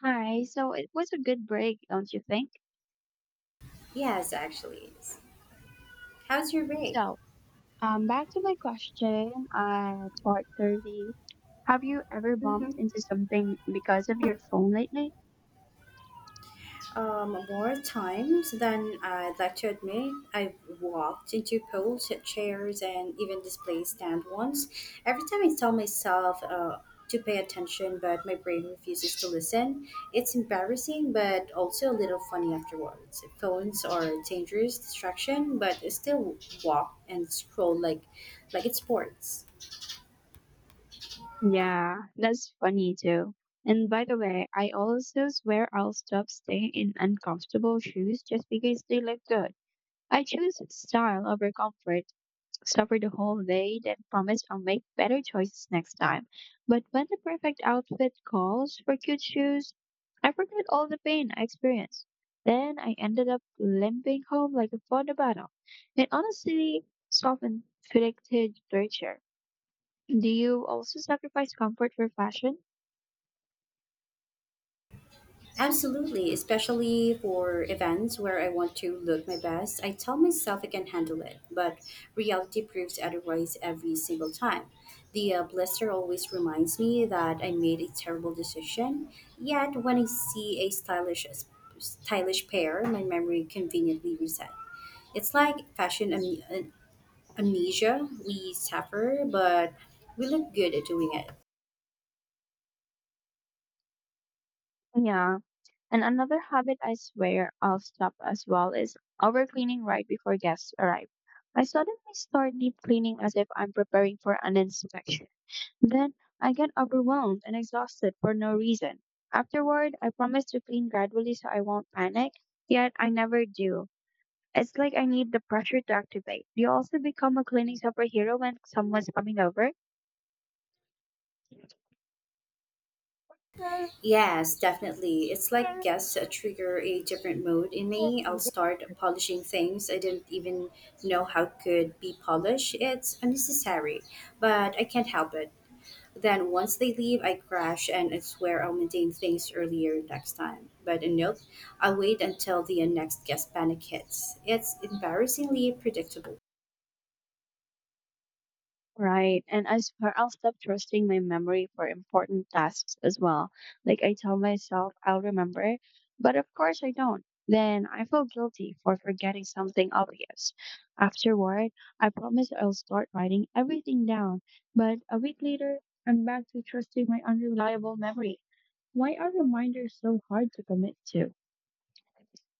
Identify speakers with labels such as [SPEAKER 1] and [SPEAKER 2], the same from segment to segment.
[SPEAKER 1] Hi, so it was a good break, don't you think?
[SPEAKER 2] Yes, actually. How's your break?
[SPEAKER 1] So, Back to my question at part 30. Have you ever bumped
[SPEAKER 2] hmm
[SPEAKER 1] into something because of your phone lately?
[SPEAKER 2] More times than I'd like to admit, I've walked into pools, chairs, and even display stand once. Every time I tell myself to pay attention, but my brain refuses to listen. It's embarrassing, but also a little funny afterwards. Phones are a dangerous distraction, but I still walk and scroll like it's sports.
[SPEAKER 1] Yeah, that's funny too. And by the way, I also swear I'll stop staying in uncomfortable shoes just because they look good. I choose style over comfort. Suffered the whole day, then promised I'll make better choices next time. But when the perfect outfit calls for cute shoes, I forgot all the pain I experienced. Then I ended up limping home like a fought a battle. It honestly softened predicted torture. Do you also sacrifice comfort for fashion?
[SPEAKER 2] Absolutely, especially for events where I want to look my best. I tell myself I can handle it, but reality proves otherwise every single time. The blister always reminds me that I made a terrible decision. Yet when I see a stylish pair, my memory conveniently resets. It's like fashion amnesia. We suffer, but we look good at doing it.
[SPEAKER 1] Yeah. And another habit I swear I'll stop as well is overcleaning right before guests arrive. I suddenly start deep cleaning as if I'm preparing for an inspection. Then I get overwhelmed and exhausted for no reason. Afterward, I promise to clean gradually so I won't panic, yet I never do. It's like I need the pressure to activate. Do you also become a cleaning superhero when someone's coming over?
[SPEAKER 2] Yes, definitely. It's like guests that trigger a different mode in me. I'll start polishing things I didn't even know how could be polished. It's unnecessary, but I can't help it. Then once they leave, I crash and I swear I'll maintain things earlier next time. But a nope, I'll wait until the next guest panic hits. It's embarrassingly predictable.
[SPEAKER 1] Right. And I swear I'll stop trusting my memory for important tasks as well. Like I tell myself I'll remember, but of course I don't. Then I feel guilty for forgetting something obvious. Afterward, I promise I'll start writing everything down. But a week later, I'm back to trusting my unreliable memory. Why are reminders so hard to commit to?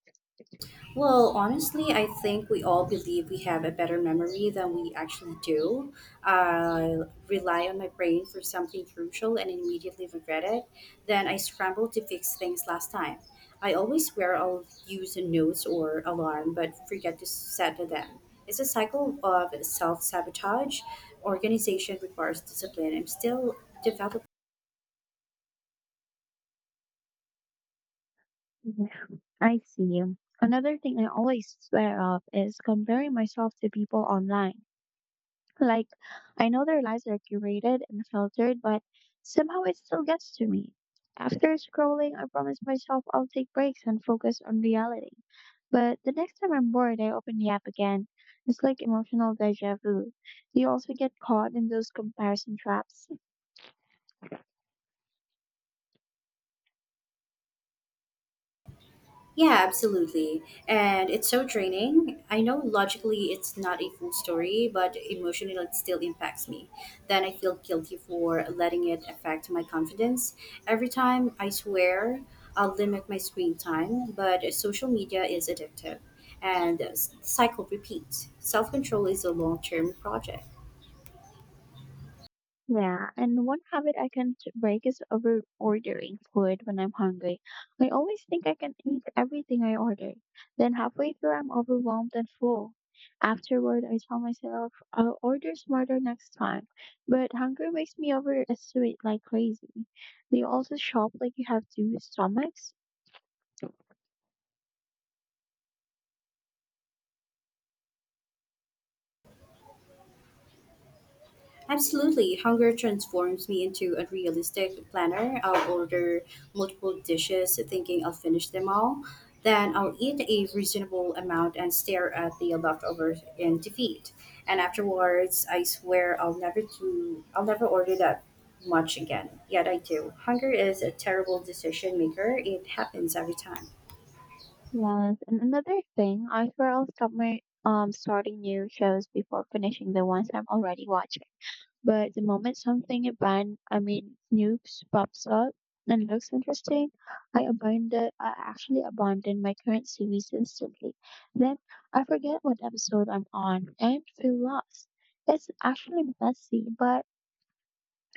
[SPEAKER 2] Well, honestly, I think we all believe we have a better memory than we actually do. I rely on my brain for something crucial and immediately regret it. Then I scramble to fix things last time. I always swear I'll use a notes or alarm, but forget to set them. It's a cycle of self sabotage. Organization requires discipline. I'm still developing.
[SPEAKER 1] Mhm. I see. Another thing I always swear off is comparing myself to people online. Like, I know their lives are curated and filtered, but somehow it still gets to me. After scrolling, I promise myself I'll take breaks and focus on reality. But the next time I'm bored, I open the app again. It's like emotional deja vu. Do you also get caught in those comparison traps?
[SPEAKER 2] Yeah, absolutely. And it's so draining. I know logically it's not a full story, but emotionally it still impacts me. Then I feel guilty for letting it affect my confidence. Every time I swear I'll limit my screen time, but social media is addictive and the cycle repeats. Self control is a long term project.
[SPEAKER 1] Yeah, and one habit I can't break is over ordering food when I'm hungry. I always think I can eat everything I order. Then halfway through, I'm overwhelmed and full. Afterward, I tell myself I'll order smarter next time. But hunger wakes me overestimate like crazy. Do you also shop like you have two stomachs?
[SPEAKER 2] Absolutely, hunger transforms me into a realistic planner. I'll order multiple dishes thinking I'll finish them all. Then I'll eat a reasonable amount and stare at the leftovers in defeat. And afterwards, I swear I'll never do I'll never order that much again. Yet I do. Hunger is a terrible decision maker. It happens every time.
[SPEAKER 1] Yes, and another thing, I swear I'll stop my starting new shows before finishing the ones I'm already watching. But the moment something a band, I mean, Snoops pops up and looks interesting, I actually abandon my current series instantly. Then I forget what episode I'm on and feel lost. It's actually messy, but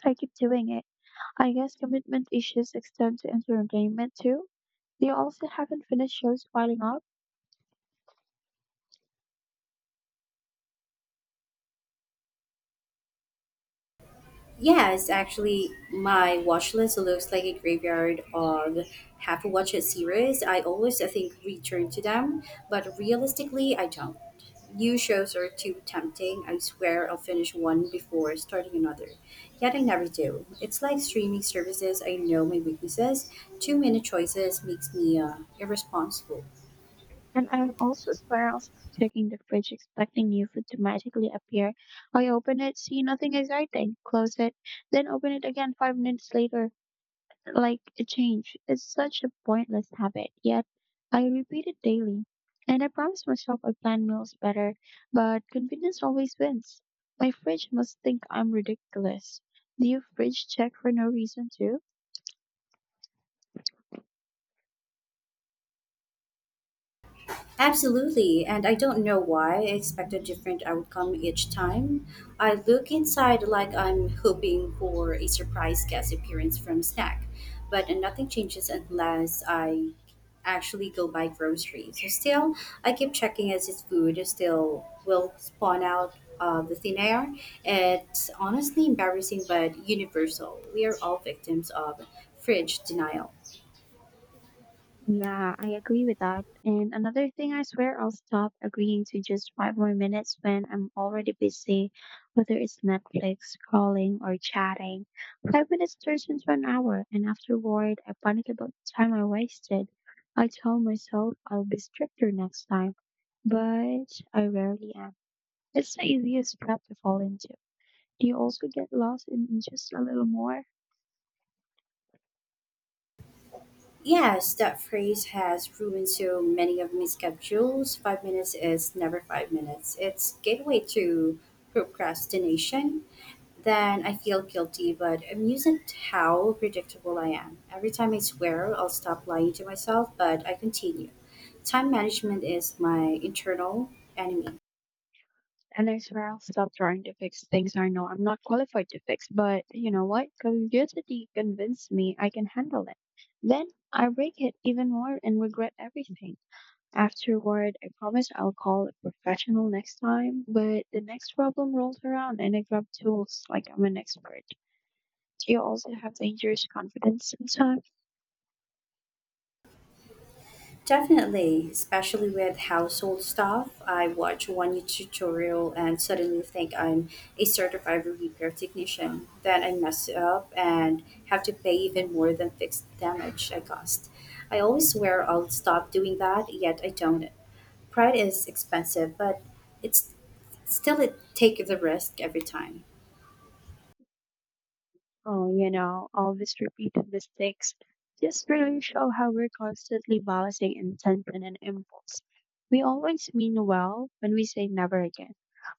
[SPEAKER 1] I keep doing it. I guess commitment issues extend to entertainment too. They also haven't finished shows piling up.
[SPEAKER 2] Yeah, it's actually my watch list looks like a graveyard of half watched series. I always, I think, return to them, but realistically, I don't. New shows are too tempting. I swear I'll finish one before starting another. Yet I never do. It's like streaming services. I know my weaknesses. Too many choices makes me irresponsible.
[SPEAKER 1] And I'll also swear I'll stop checking the fridge expecting new food to magically appear. I open it, see nothing exciting, close it, then open it again five minutes later, like a change. It's such a pointless habit, yet I repeat it daily. And I promise myself I plan meals better, but convenience always wins. My fridge must think I'm ridiculous. Do you fridge check for no reason too?
[SPEAKER 2] Absolutely, and I don't know why I expect a different outcome each time. I look inside like I'm hoping for a surprise guest appearance from Snack, but nothing changes unless I actually go buy groceries. So still, I keep checking as if food still will spawn out of the thin air. It's honestly embarrassing but universal. We are all victims of fridge denial.
[SPEAKER 1] Yeah, I agree with that. And another thing, I swear I'll stop agreeing to just five more minutes when I'm already busy, whether it's Netflix, scrolling, or chatting. Five minutes turns into an hour, and afterward, I panic about the time I wasted. I tell myself I'll be stricter next time, but I rarely am. It's the easiest trap to fall into. Do you also get lost in just a little more?
[SPEAKER 2] Yes, that phrase has ruined so many of my schedules. 5 minutes is never 5 minutes. It's gateway to procrastination. Then I feel guilty, but amusing how predictable I am. Every time I swear I'll stop lying to myself, but I continue. Time management is my internal enemy.
[SPEAKER 1] And I swear I'll stop trying to fix things I know I'm not qualified to fix. But you know what? Curiosity convinced me I can handle it. Then I break it even more and regret everything. Afterward, I promise I'll call a professional next time, but the next problem rolls around and I grab tools like I'm an expert. Do you also have dangerous confidence sometimes?
[SPEAKER 2] Definitely, especially with household stuff. I watch one YouTube tutorial and suddenly think I'm a certified repair technician. Then I mess up and have to pay even more than fixed damage I caused. I always swear I'll stop doing that, yet I don't. Pride is expensive, but it's still it take the risk every time.
[SPEAKER 1] Oh, you know, all these repeated mistakes just really show how we're constantly balancing intention and impulse. We always mean well when we say never again,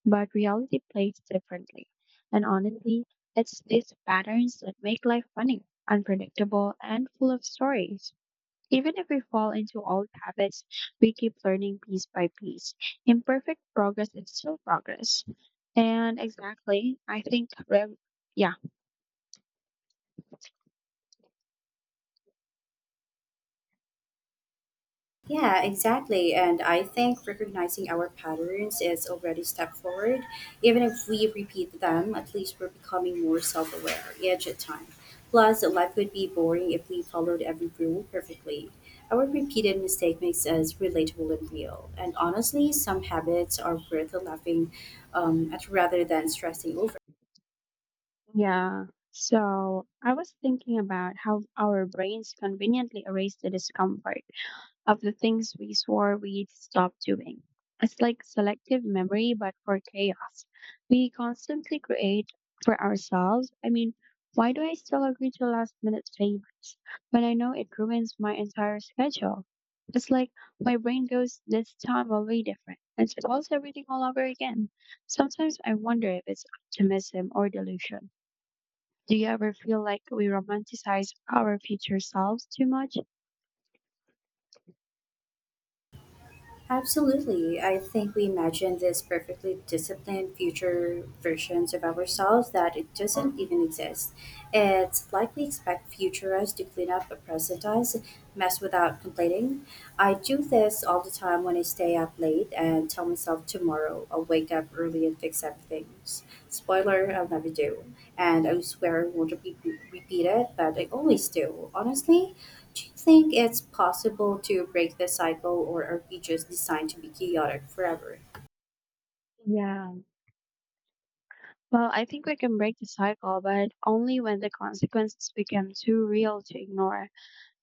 [SPEAKER 1] but reality plays differently. And honestly, it's these patterns that make life funny, unpredictable, and full of stories. Even if we fall into old habits, we keep learning piece by piece. Imperfect progress is still progress. And exactly, I think, rev- Yeah.
[SPEAKER 2] Yeah, exactly. And I think recognizing our patterns is already a step forward. Even if we repeat them, at least we're becoming more self aware each time. Plus, life would be boring if we followed every rule perfectly. Our repeated mistake makes us relatable and real. And honestly, some habits are worth laughing at rather than stressing over.
[SPEAKER 1] Yeah. So I was thinking about how our brains conveniently erase the discomfort of the things we swore we'd stop doing. It's like selective memory, but for chaos. We constantly create for ourselves. I mean, why do I still agree to last minute favors when I know it ruins my entire schedule? It's like my brain goes, this time will be different, and spoils everything all over again. Sometimes I wonder if it's optimism or delusion. Do you ever feel like we romanticize our future selves too much?
[SPEAKER 2] Absolutely. I think we imagine this perfectly disciplined future versions of ourselves that it doesn't even exist. It's like we expect future us to clean up a present us mess without complaining. I do this all the time when I stay up late and tell myself tomorrow I'll wake up early and fix everything. Spoiler, I'll never do. And I swear I won't repeat it, but I always do. Honestly, do you think it's possible to break the cycle, or are we just designed to be chaotic forever?
[SPEAKER 1] Yeah. Well, I think we can break the cycle, but only when the consequences become too real to ignore.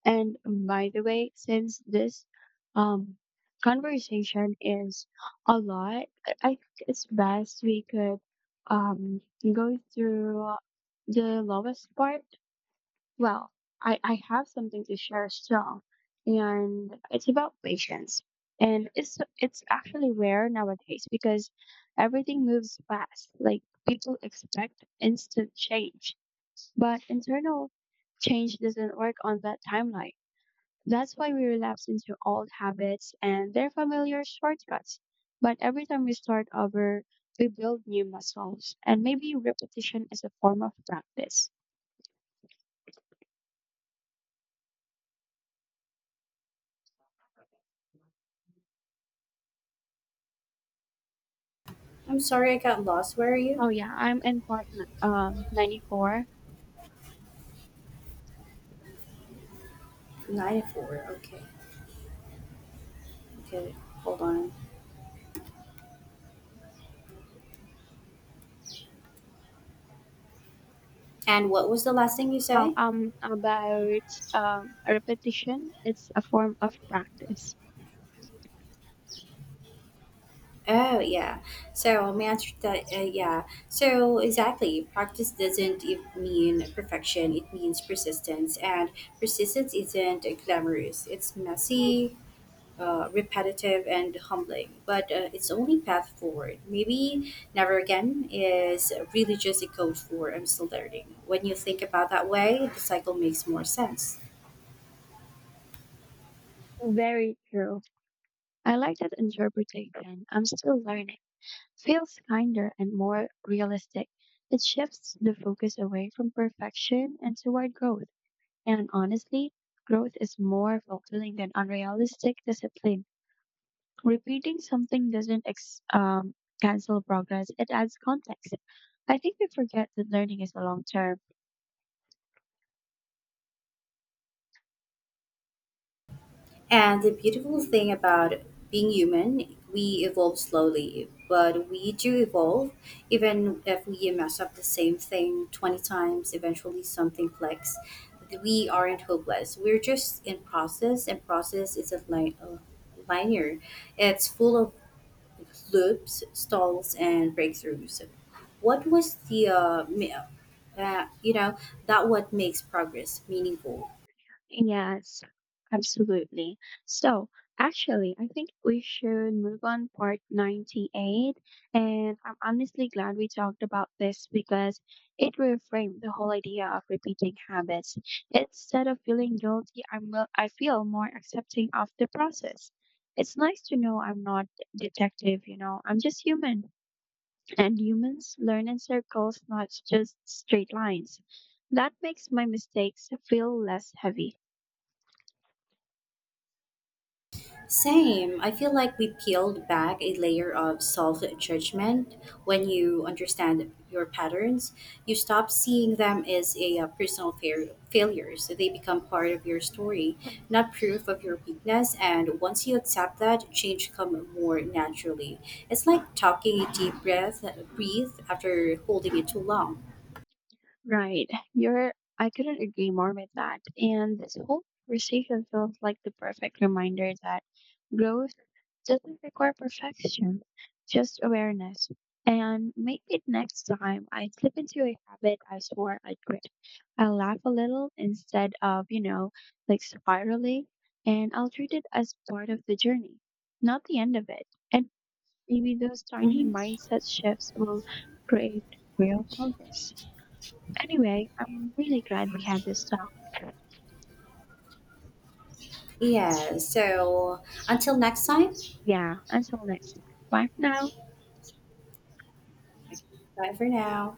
[SPEAKER 1] And by the way, since this um, conversation is a lot, I think it's best we could um, go through the lowest part. Well, I have something to share still, and it's about patience. And it's actually rare nowadays because everything moves fast. Like people expect instant change, but internal change doesn't work on that timeline. That's why we relapse into old habits and their familiar shortcuts. But every time we start over, we build new muscles, and maybe repetition is a form of practice.
[SPEAKER 2] I'm sorry I got lost. Where are you?
[SPEAKER 1] Oh yeah, I'm in part 94.
[SPEAKER 2] 94. Okay. Okay. Hold on. And what was the last thing you say?
[SPEAKER 1] About repetition. It's a form of practice.
[SPEAKER 2] Oh, yeah. So, my answer to that, yeah. So, exactly. Practice doesn't mean perfection, it means persistence. And persistence isn't glamorous, it's messy, repetitive and humbling, but it's only path forward. Maybe never again is really just a code for I'm still learning. When you think about that way, the cycle makes more sense.
[SPEAKER 1] Very true. I like that interpretation. I'm still learning. Feels kinder and more realistic. It shifts the focus away from perfection and toward growth. And honestly, growth is more fulfilling than unrealistic discipline. Repeating something doesn't cancel progress, it adds context. I think we forget that learning is a long term.
[SPEAKER 2] And the beautiful thing about being human, we evolve slowly, but we do evolve. Even if we mess up the same thing 20 times, eventually something clicks. We aren't hopeless. We're just in process, and process isn't like, linear. It's full of loops, stalls, and breakthroughs. What was the, uh, you know, that what makes progress meaningful?
[SPEAKER 1] Yes, absolutely. So, actually, I think we should move on part 98. And I'm honestly glad we talked about this because it reframed the whole idea of repeating habits. Instead of feeling guilty, I feel more accepting of the process. It's nice to know I'm not detective, you know, I'm just human. And humans learn in circles, not just straight lines. That makes my mistakes feel less heavy.
[SPEAKER 2] Same. I feel like we peeled back a layer of self judgment when you understand your patterns. You stop seeing them as a personal failures. So they become part of your story, not proof of your weakness. And once you accept that, change come more naturally. It's like talking a deep breath, breathe after holding it too long.
[SPEAKER 1] Right. You're I couldn't agree more with that. And this whole conversation feels like the perfect reminder that growth doesn't require perfection, just awareness. And maybe next time I slip into a habit I swore I'd quit. I'll laugh a little instead of, you know, like spiraling, and I'll treat it as part of the journey, not the end of it. And maybe those tiny
[SPEAKER 2] Hmm.
[SPEAKER 1] mindset shifts will create real progress. Anyway, I'm really glad we had this talk.
[SPEAKER 2] Yeah. So until next time,
[SPEAKER 1] Yeah, until next time. Bye for now.
[SPEAKER 2] bye for now.